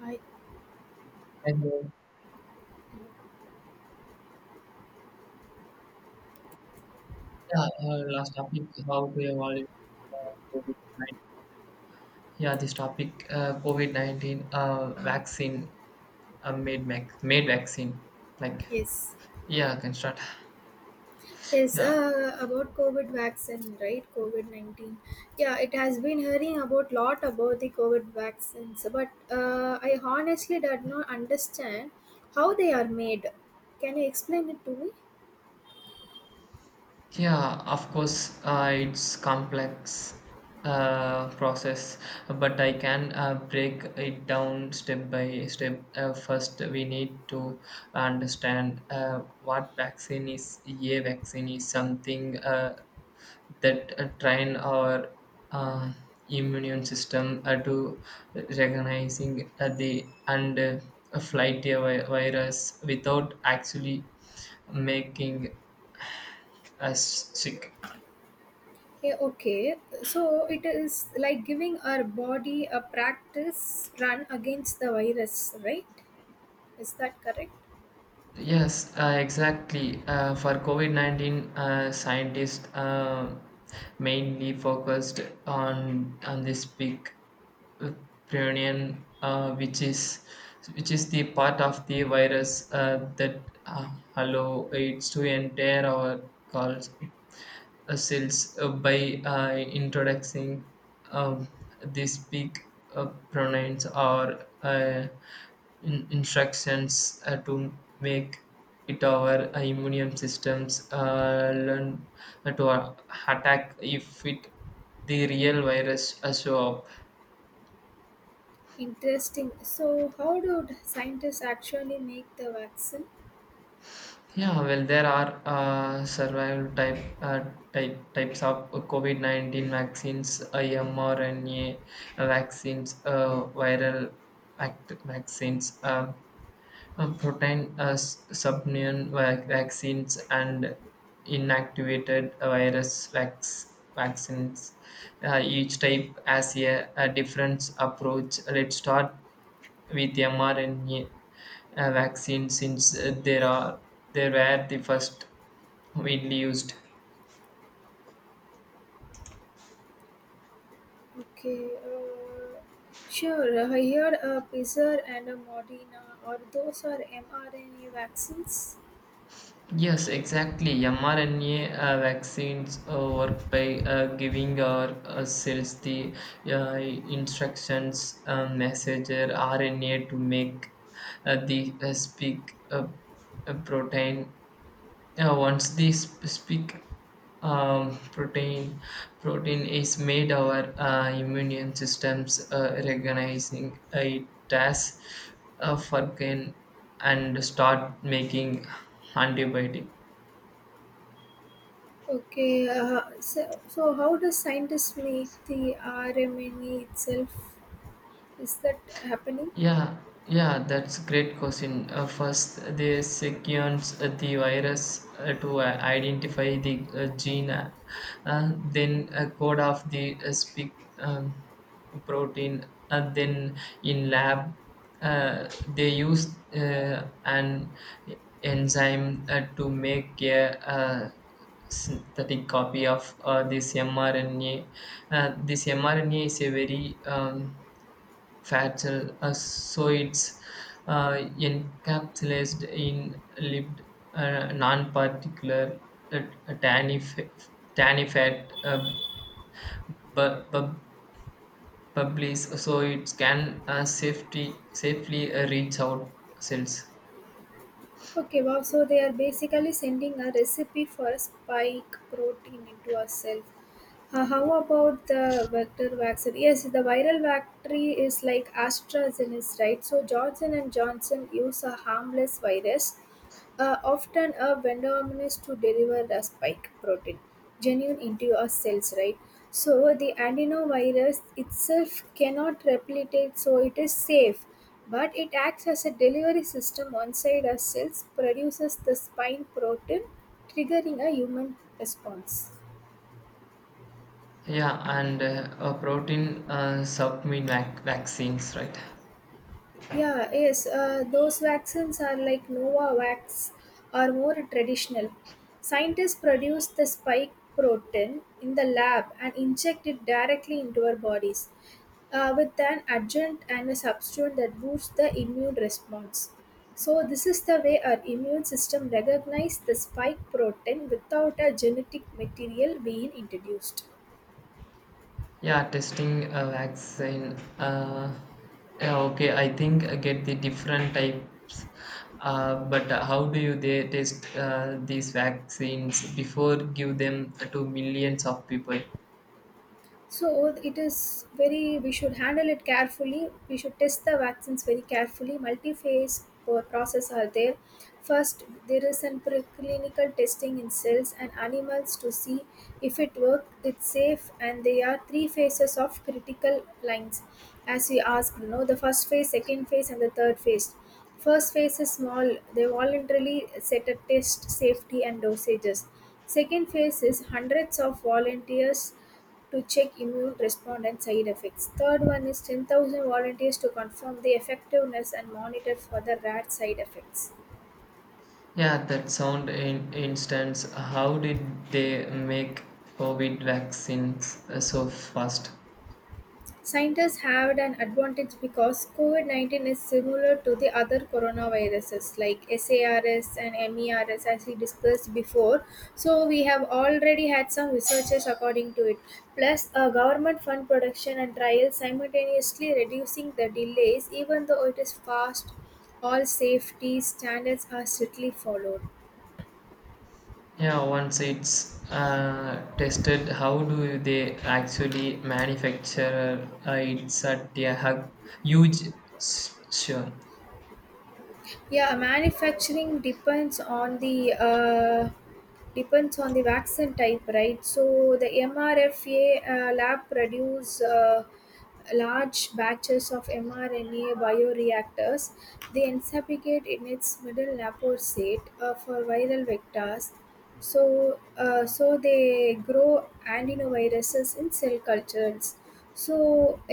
Hi. And yeah, last topic, how to evaluate COVID-19. Yeah, this topic, COVID-19 vaccine, made vaccine, like, Yes. yeah, I can start. Yes, Yeah, about COVID vaccine, right? COVID-19. Yeah, it has been hearing about lot about the COVID vaccines, but I honestly did not understand how they are made. Can you explain it to me? yeah, of course, it's complex, process, but I can break it down step by step. First, we need to understand what vaccine is. A vaccine is something, that train our uh, immune system to recognizing the and a flight virus without actually making us sick. Yeah, okay. So it is like giving our body a practice run against the virus, right? Is that correct? Yes, exactly. For COVID COVID-19, scientists mainly focused on this peak, uh, prion, which is the part of the virus that allow it to enter our calls cells by introducing, um, these big, pronouns, or instructions to make it our immune systems learn to attack if it the real virus show up. Interesting. So how do the scientists actually make the vaccine? Yeah, well, there are survival type, types of COVID-19 vaccines, mRNA vaccines, viral vaccines, protein subunit vaccines, and inactivated virus vaccines. Each type has a different approach. Let's start with mRNA vaccines, since there are they were the first widely used. Okay, sure. I heard a Pfizer and a Moderna, or those are mRNA vaccines. Yes, exactly. mRNA vaccines work by giving our cells the instructions, messenger RNA, to make the spike, protein. Yeah, once the specific, um, protein protein is made, our immune systems recognizing it as a fucking and start making antibiotic. Okay, so how does scientists make the RMNA itself? Is that happening? Yeah, yeah, that's a great question. First, they sequence the virus to identify the gene, then code of the spike, protein. Then in lab, they use an enzyme to make a synthetic copy of this mRNA. This mRNA is a very, fat cell ascoids, uh, encapsulated in lipid, non-particular, uh, tanny, fa- tanny fat, bu- bu- bubbles, so it can safely reach out cells. Okay, wow. So they are basically sending a recipe for a spike protein into our cell. How about the vector vaccine? Yes, the viral vector is like AstraZeneca, right? So Johnson and Johnson use a harmless virus often a vendorman is to deliver the spike protein genuine into your cells, right? So the adenovirus itself cannot replicate, so it is safe, but it acts as a delivery system inside our cells, produces the spike protein, triggering a human response. Yeah, and protein submit vaccines, right? Yeah, yes, those vaccines are like Novavax are more traditional. Scientists produce the spike protein in the lab and inject it directly into our bodies with an adjuvant and a substituent that boosts the immune response. So, this is the way our immune system recognizes the spike protein without a genetic material being introduced. Yeah, testing a vaccine. Yeah, okay, I think I get the different types. But how do you they test these vaccines before give them to millions of people? So it is very, we should handle it carefully. We should test the vaccines very carefully. Multi phase process are there. First, there is an preclinical testing in cells and animals to see if it works, it's safe, and there are three phases of critical lines. As we asked, no, the first phase, second phase, and the third phase. First phase is small, they voluntarily set a test safety and dosages. Second phase is hundreds of volunteers to check immune response and side effects. Third one is 10,000 volunteers to confirm the effectiveness and monitor for the rat side effects. Yeah, that sound in instance. How did they make COVID vaccines so fast? Scientists have an advantage because COVID 19 is similar to the other coronaviruses like SARS and MERS, as we discussed before. So, we have already had some researchers according to it. Plus, government fund production and trials simultaneously reducing the delays, even though it is fast, all safety standards are strictly followed. Yeah, once it's tested, how do they actually manufacture it's at a huge sure. Yeah, manufacturing depends on the vaccine type, right? So the MRFA lab produce large batches of mRNA bioreactors. They encapsulate in its middle naposate for viral vectors so they grow antinoviruses in cell cultures so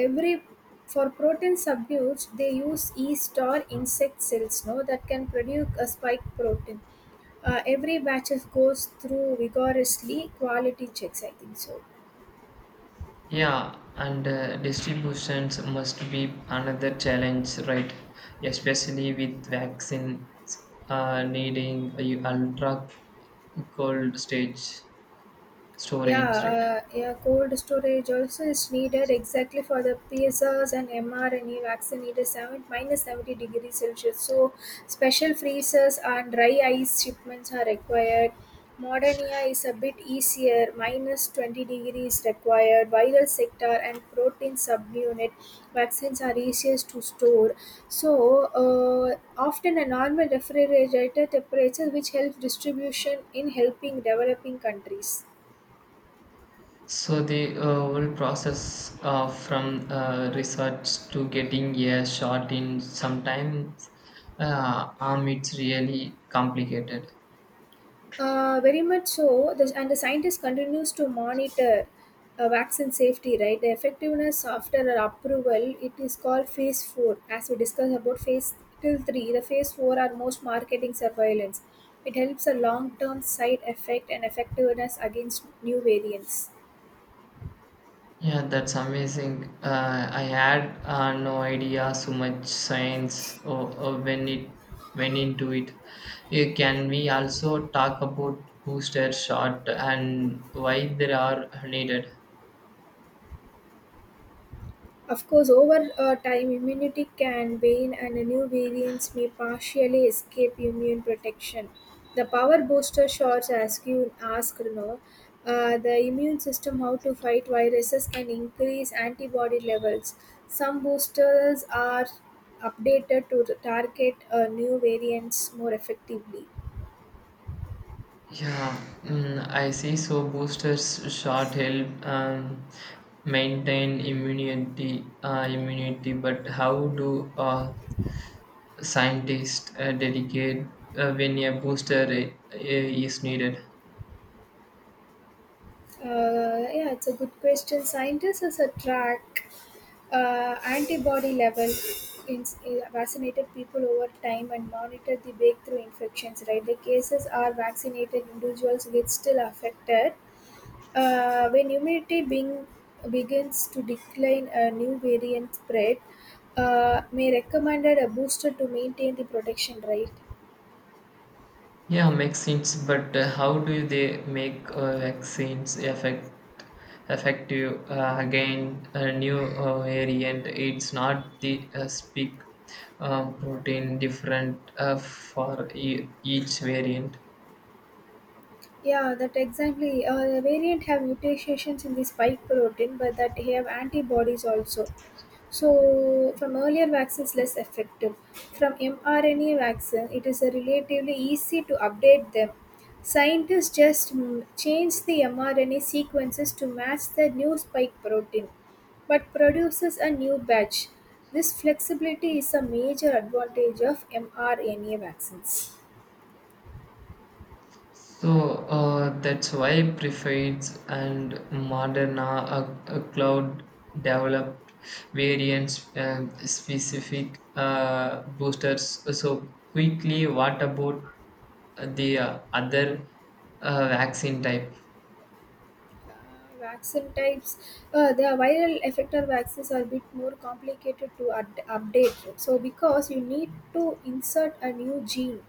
every for protein subdues they use yeast or insect cells no that can produce a spike protein every batches goes through rigorously quality checks I think so. Yeah, and distributions must be another challenge, right? Especially with vaccines needing a ultra cold stage Yeah, storage, right? yeah, cold storage also is needed exactly for the PSRs and mRNA vaccine. It is 7, minus 70 degrees Celsius. So, special freezers and dry ice shipments are required. Modernia is a bit easier, minus 20 ° required. Viral sector and protein subunit vaccines are easiest to store. So, uh, often a normal refrigerator temperature which helps distribution in helping developing countries. So the whole process, from research to getting a shot in sometimes, it's really complicated. Very much so. The scientist continues to monitor vaccine safety, right? The effectiveness after an approval, it is called phase 4. As we discussed about phase till three, the phase 4 are most marketing surveillance. It helps a long-term side effect and effectiveness against new variants. Yeah, that's amazing. I had no idea so much science, or when it went into it. Can we also talk about booster shot and why they are needed? Of course, over time, immunity can wane and new variants may partially escape immune protection. The power booster shots, as you asked, no, the immune system how to fight viruses can increase antibody levels. Some boosters are updated to target new variants more effectively. Yeah, mm, I see. So boosters shot help, maintain immunity. But how do scientists dedicate when a booster is needed? Yeah, it's a good question. Scientists as a track antibody level in vaccinated people over time and monitor the breakthrough infections. Right, the cases are vaccinated individuals get still affected. When immunity being begins to decline, a new variant spread may recommended a booster to maintain the protection. Right. Yeah, makes sense. But how do they make vaccines effective again a new variant? It's not the speak, protein different for each variant. Yeah, that exactly. The variant have mutations in the spike protein, but that they have antibodies also. So from earlier vaccines, less effective. From mRNA vaccine, it is a relatively easy to update them. Scientists just change the mRNA sequences to match the new spike protein, but produces a new batch. This flexibility is a major advantage of mRNA vaccines. So that's why prefades and modern are cloud developed variants, specific boosters. So quickly, what about the other vaccine type? Uh, vaccine types the viral effector vaccines are a bit more complicated to update so because you need to insert a new gene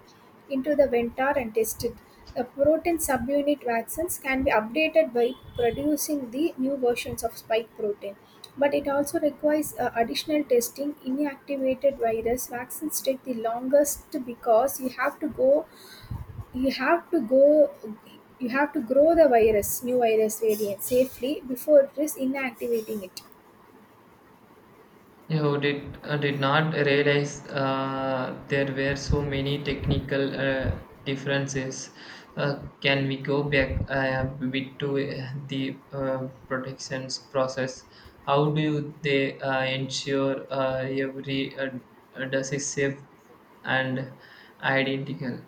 into the ventar and test it. The protein subunit vaccines can be updated by producing the new versions of spike protein, but it also requires additional testing. Inactivated virus vaccines take the longest because you have to go you have to grow the virus new virus variant safely before it is inactivating it. You did not realize there were so many technical differences. Can we go back a bit to the protections process? How do they ensure every does is safe and identical?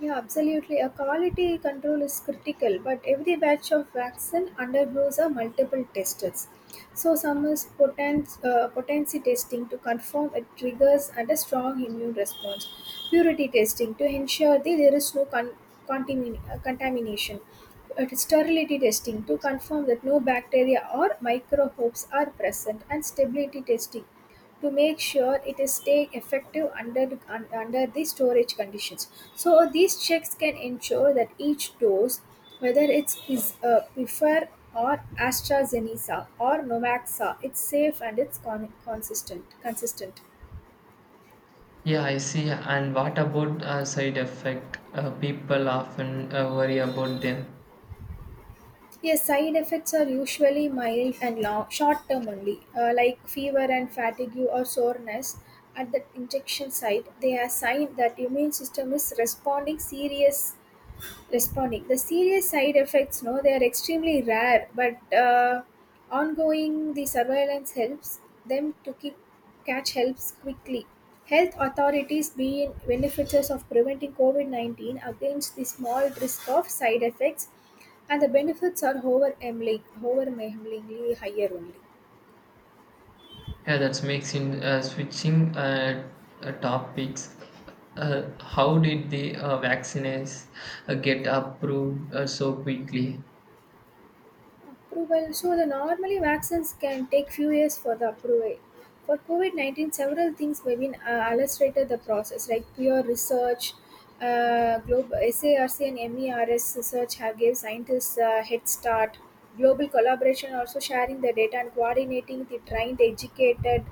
Yeah, absolutely. A quality control is critical, but every batch of vaccine undergoes a multiple tests. So some is potency testing to confirm it triggers and a strong immune response. Purity testing to ensure that there is no contamination. Sterility testing to confirm that no bacteria or microbes are present. And stability testing to make sure it is staying effective under the storage conditions. So these checks can ensure that each dose, whether it's is prefer or AstraZeneca or Novaxa, it's safe and it's consistent. Consistent. Yeah, I see. And what about side effect? People often worry about them. Yes, side effects are usually mild and long, short term only, like fever and fatigue or soreness at the injection site. They are sign that immune system is responding serious responding. The serious side effects, no, they are extremely rare, but ongoing the surveillance helps them to keep catch helps quickly. Health authorities being benefiters of preventing COVID 19 against the small risk of side effects, and the benefits are over overwhelmingly higher only. Yeah, that makes in, switching topics. How did the vaccines get approved so quickly? Approval. So the normally vaccines can take few years for the approval. For COVID 19, several things may be illustrated the process, like pure research, global SARC and MERS research have gave scientists a head start. Global collaboration also sharing the data and coordinating the trained, educated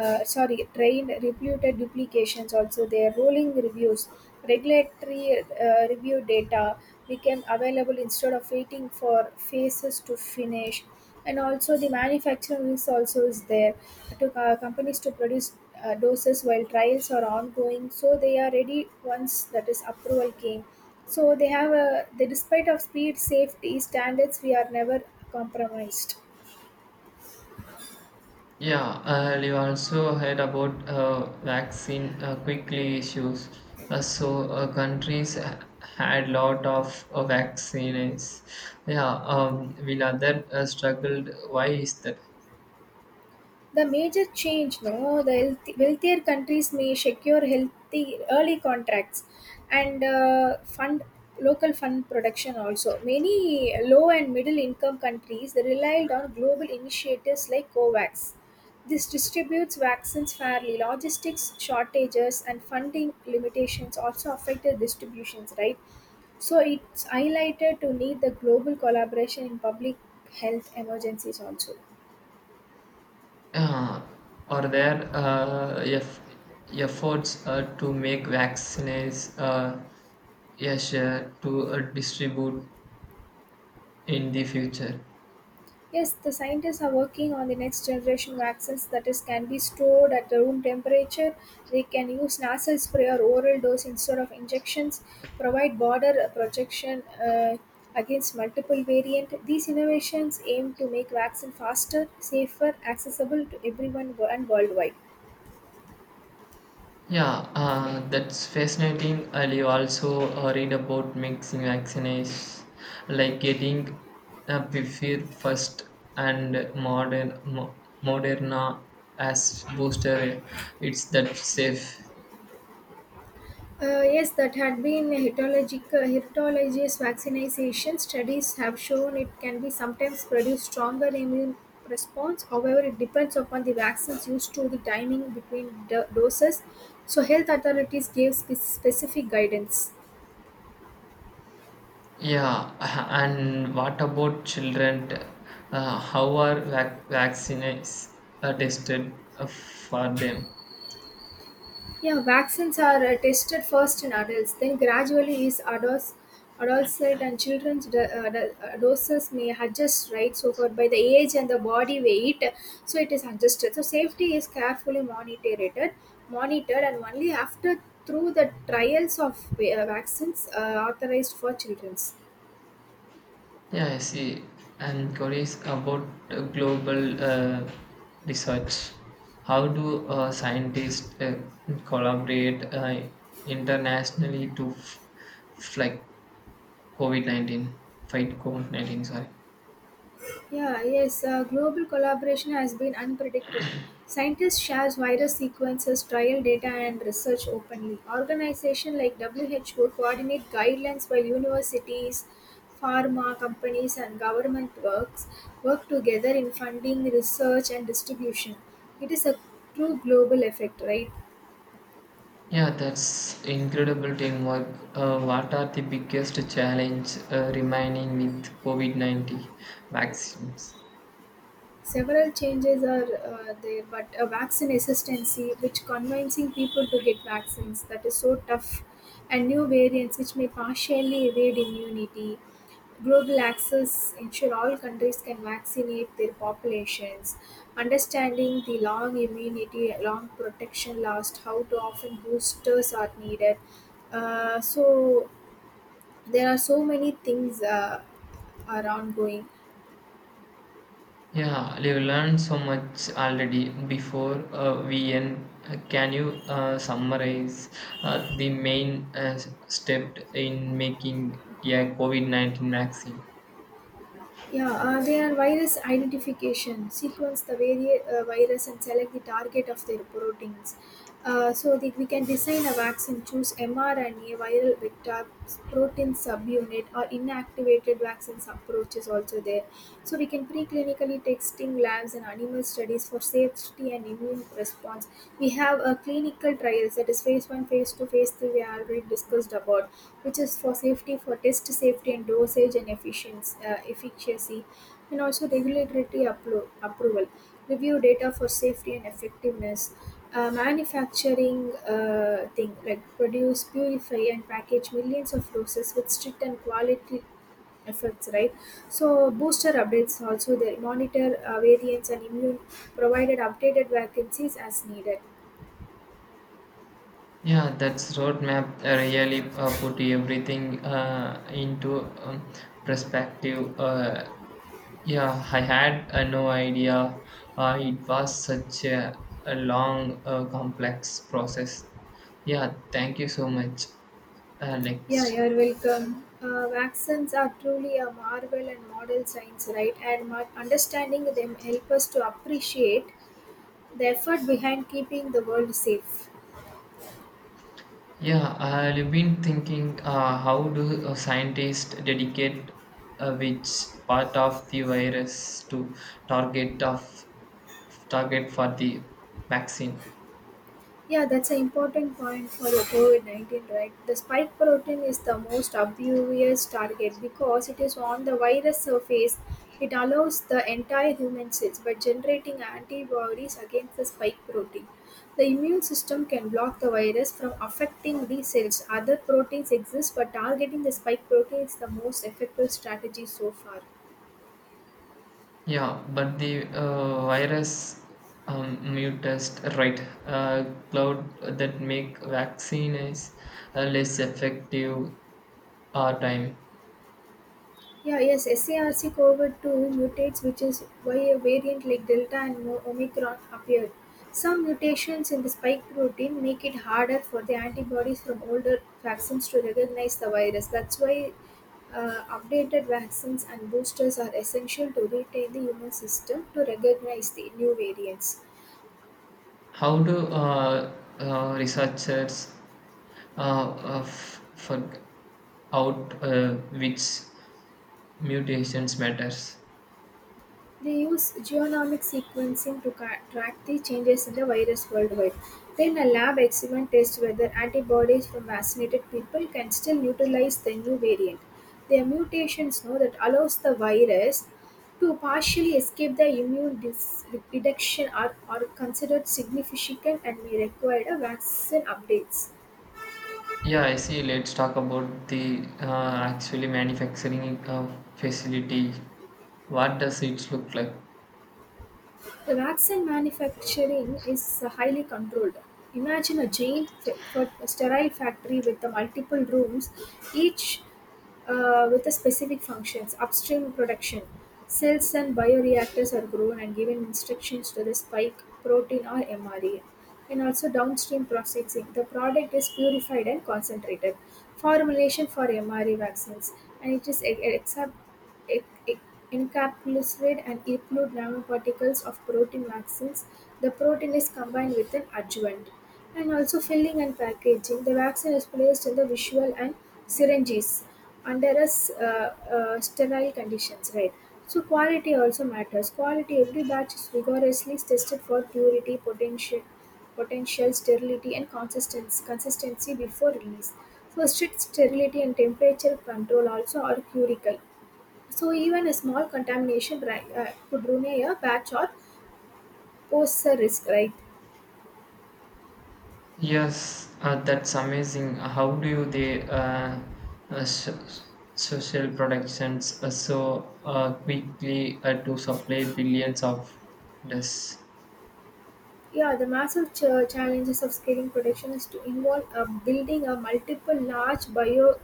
sorry, trained reputed duplications also their rolling reviews. Regulatory review data became available instead of waiting for phases to finish. And also the manufacturing risk also is there to companies to produce doses while trials are ongoing. So they are ready once that is approval came. So they have a the despite of speed safety standards we are never compromised. Yeah, you also heard about vaccine quickly issues. So countries had lot of vaccines. Yeah, will other struggled. Why is that? The major change, no, the healthy, wealthier countries may secure healthy early contracts and fund local fund production also. Many low and middle income countries relied on global initiatives like COVAX. This distributes vaccines fairly. Logistics shortages and funding limitations also affected distributions, right? So it's highlighted to need the global collaboration in public health emergencies also. Uh, are there efforts to make vaccines easier to distribute in the future? Yes, the scientists are working on the next generation vaccines that is can be stored at the room temperature. They can use nasal spray or oral dose instead of injections, provide border protection uh, against multiple variant. These innovations aim to make vaccine faster, safer, accessible to everyone and worldwide. Yeah, that's fascinating. And you also read about mixing vaccines, like getting Pfizer first and Moderna as booster. It's that safe. Yes, that had been heterological heterologous vaccination studies have shown it can be sometimes produce stronger immune response. However, it depends upon the vaccines used to the timing between doses. So, health authorities gave specific guidance. Yeah, and what about children? How are vaccines are tested for them? Yeah, vaccines are tested first in adults, then gradually is adults, adolescent and children's doses may adjust, right? So for by the age and the body weight, so it is adjusted. So safety is carefully monitored, and only after through the trials of vaccines authorized for children's. Yeah, I see. And queries about global research. How do scientists collaborate internationally to like COVID-19, fight COVID-19, sorry? Yeah, yes, global collaboration has been unpredicted. Scientists share virus sequences, trial data, and research openly. Organizations like WHO coordinate guidelines while universities, pharma companies, and government work together in funding, research, and distribution. It is a true global effect, right? Yeah, that's incredible teamwork. What are the biggest challenge remaining with COVID-19 vaccines? Several changes are there, but a vaccine hesitancy, which convincing people to get vaccines, that is so tough, and new variants which may partially evade immunity. Global access ensure all countries can vaccinate their populations. Understanding the long immunity, long protection last, how to often boosters are needed. So there are so many things are ongoing. Yeah, we've learned so much already before we end. Can you summarize the main step in making a COVID-19 vaccine? Yeah, they are virus identification. Sequence the virus and select the target of their proteins. So that we can design a vaccine, choose mRNA, viral vector, protein subunit, or inactivated vaccines approach is also there. So we can preclinically testing labs and animal studies for safety and immune response. We have a clinical trials that is phase 1, phase 2, phase 3. We already discussed about which is for safety for test safety and dosage and efficacy, and also regulatory approval, review data for safety and effectiveness, manufacturing thing like produce, purify, and package millions of doses with strict and quality efforts, right? So booster updates also, they monitor variants and immune, provided updated vacancies as needed. Yeah, that's roadmap, really put everything into, perspective. Yeah, I had no idea it was such a long, complex process. Yeah, thank you so much. Yeah, Next. you're welcome. Vaccines are truly a marvel and model science, right? And my understanding them help us to appreciate the effort behind keeping the world safe. Yeah, I've been thinking, how do scientists dedicate which part of the virus to target of target for the vaccine? Yeah, that's an important point for the COVID 19, right? The spike protein is the most obvious target because it is on the virus surface. It allows the entire human cells by generating antibodies against the spike protein. The immune system can block the virus from affecting these cells. Other proteins exist, but targeting the spike protein is the most effective strategy so far. Yeah, but the virus, mute, right? Cloud that make vaccine is less effective or time. Yeah, yes, SARC COVID-2 mutates, which is why a variant like Delta and Omicron appeared. Some mutations in the spike protein make it harder for the antibodies from older vaccines to recognize the virus. That's why updated vaccines and boosters are essential to retain the immune system to recognize the new variants. How do researchers uh, figure out which mutations matters? They use genomic sequencing to track the changes in the virus worldwide. Then, a lab experiment tests whether antibodies from vaccinated people can still neutralize the new variant. Their mutations know that allows the virus to partially escape the immune detection are considered significant and may require a vaccine updates. Yeah, I see. Let's talk about the actually manufacturing facility. What does it look like? The Vaccine manufacturing is highly controlled. Imagine a giant sterile factory with the multiple rooms, each with a specific functions. Upstream production, cells and bioreactors are grown and given instructions to the spike protein or mRNA. And also downstream processing, the product is purified and concentrated. Formulation for mRNA vaccines, and it is accept it it encapsulates and include nanoparticles of protein vaccines; the protein is combined with an adjuvant. And also filling and packaging. The vaccine is placed in the visual and syringes under sterile conditions, right? So quality also matters. Quality, every batch is rigorously tested for potential sterility, and consistency before release. So strict sterility and temperature control also are critical. So even a small contamination, right, could ruin a batch or pose a risk, right? Yes, that's amazing. How do they uh, so, social productions so quickly to supply billions of this? Yeah, the massive challenges of scaling production is to involve building a multiple large bio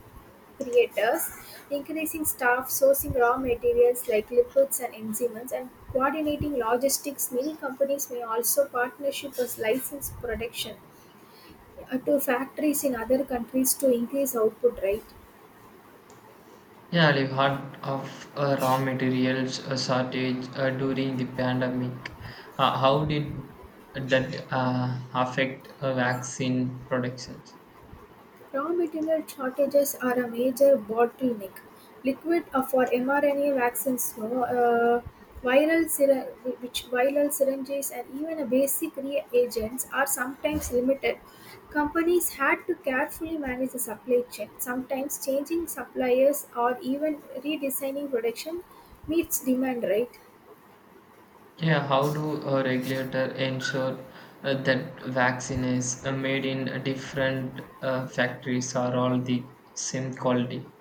creators, increasing staff, sourcing raw materials like lipids and enzymes, and coordinating logistics. Many companies may also partnership as license production to factories in other countries to increase output, right? Yeah, the heart of raw materials shortage during the pandemic. How did that affect vaccine production? Raw material shortages are a major bottleneck. Liquid for mRNA vaccines, no, viral syr- which viral syringes and even a basic reagents are sometimes limited. Companies had to carefully manage the supply chain, sometimes changing suppliers or even redesigning production meets demand, right? Yeah, how do a regulator ensure that vaccine is made in different factories are all the same quality?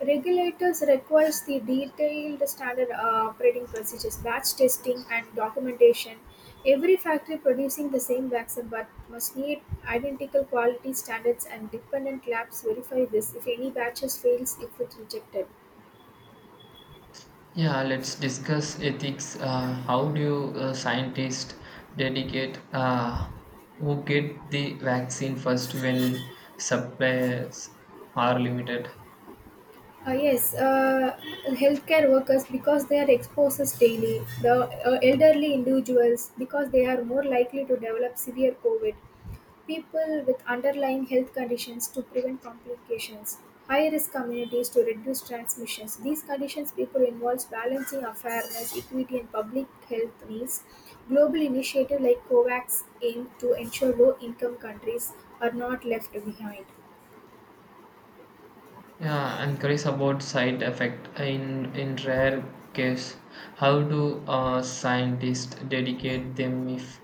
Regulators requires the detailed standard operating procedures, batch testing and documentation. Every factory producing the same vaccine but must meet identical quality standards and dependent labs verify this. If any batches fails, it is rejected. Yeah, let's discuss ethics. How do scientists dedicate who get the vaccine first when suppliers are limited? Uh, yes, uh, Healthcare workers because they are exposed daily. The elderly individuals because they are more likely to develop severe COVID. People with underlying health conditions to prevent complications, high risk communities to reduce transmissions. These conditions people involves balancing fairness, equity, and public health needs. Global initiative like COVAX aim to ensure low income countries are not left behind. Yeah, I'm curious about side effect. In rare case, how do scientists dedicate them if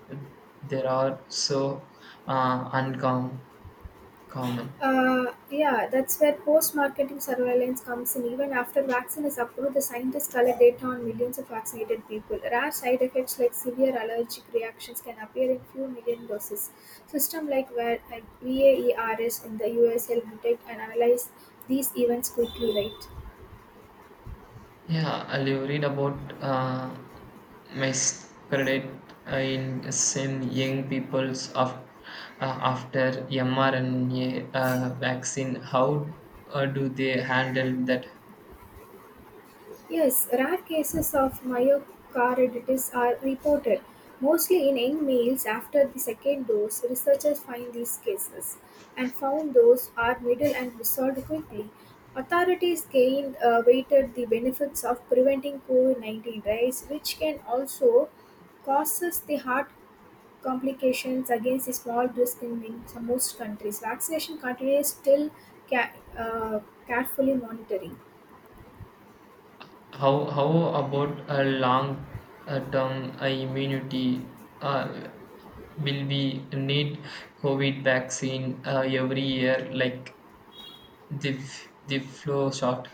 there are so uncommon? Yeah, that's where post marketing surveillance comes in. Even after vaccine is approved, the scientists collect data on millions of vaccinated people. Rare side effects like severe allergic reactions can appear in few million doses. System like where like VAERS in the US help detect and analyze these events quickly, right? Yeah, I will read about miscredit in some young people's after mRNA vaccine. How do they handle that? Yes, rare cases of myocarditis are reported, mostly in young males after the second dose. Researchers find these cases and found those are middle and resolved quickly. Authorities gained weighted the benefits of preventing COVID 19 rise, which can also causes the heart complications against the small risk in many- some most countries. Vaccination continues still ca- uh, carefully monitoring. How about a long term immunity? Uh, will we need COVID vaccine every year, like the flu shot?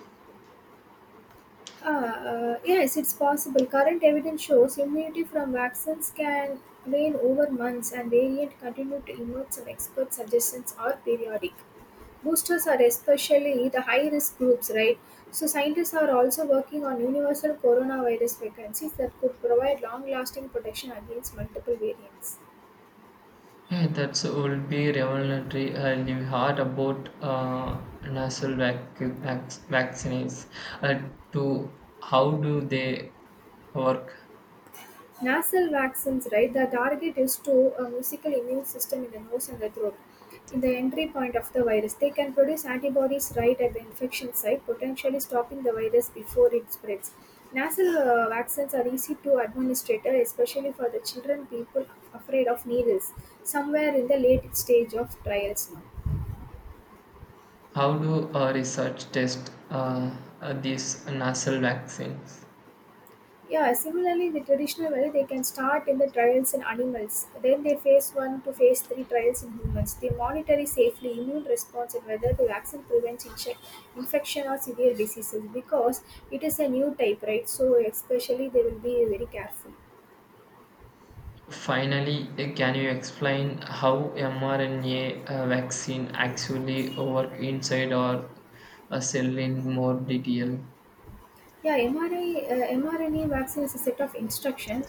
Yes, it's possible. Current evidence shows immunity from vaccines can wane over months and variants continue to emerge. Some expert suggestions are periodic. Boosters are especially the high risk groups, right? So, scientists are also working on universal coronavirus vaccines that could provide long lasting protection against multiple variants. Yeah, that will be revolutionary. And you heard about nasal vaccines. Uh, to How do they work? Nasal vaccines, right? The target is to a musical immune system in the nose and the throat. In the entry point of the virus, they can produce antibodies right at the infection site, potentially stopping the virus before it spreads. Nasal vaccines are easy to administer, especially for the children people afraid of needles, somewhere in the late stage of trials now. How do research test these nasal vaccines? Yeah, similarly, the traditional way they can start in the trials in animals, then they phase one to phase three trials in humans. They monitor safely immune response and whether the vaccine prevents infection or severe diseases because it is a new type, right? So, especially they will be very careful. Finally, can you explain how mRNA vaccine actually work inside our cell in more detail? mRNA vaccine is a set of instruction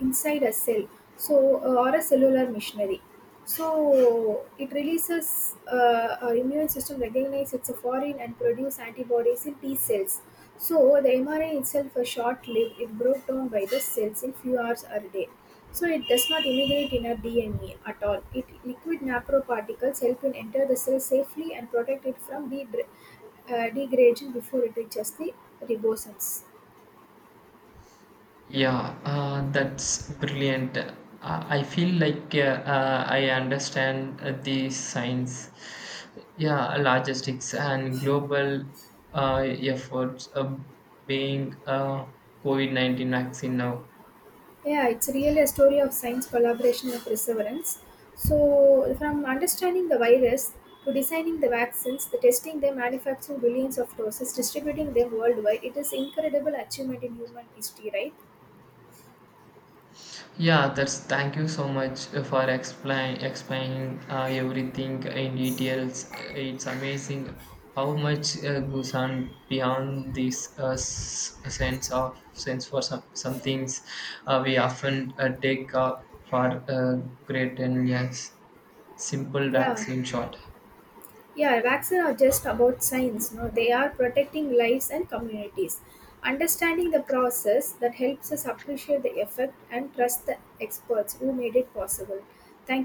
inside a cell, so or a cellular machinery. So it releases our immune system recognize it's a foreign and produce antibodies in T cells. So the mRNA itself a short lived. It broke down by the cells in few hours or a day. So it does not immigrate in our DNA at all. It liquid naproparticles help it enter the cell safely and protect it from degradation before it reaches the ribosomes. Yeah, that's brilliant. I feel like I understand the science, yeah, logistics and global efforts of being a COVID-19 vaccine now. Yeah, it's really a story of science collaboration and perseverance. So from understanding the virus to designing the vaccines, the testing them, manufacturing billions of doses, distributing them worldwide, it is incredible achievement in human history, right? Yeah, that's thank you so much for explaining everything in details. It's amazing how much goes on beyond this sense of sense for some things we often take for great and yes, simple Yeah, vaccine shot. Yeah, vaccines are just about science. No, they are protecting lives and communities. Understanding the process that helps us appreciate the effect and trust the experts who made it possible. Thank you.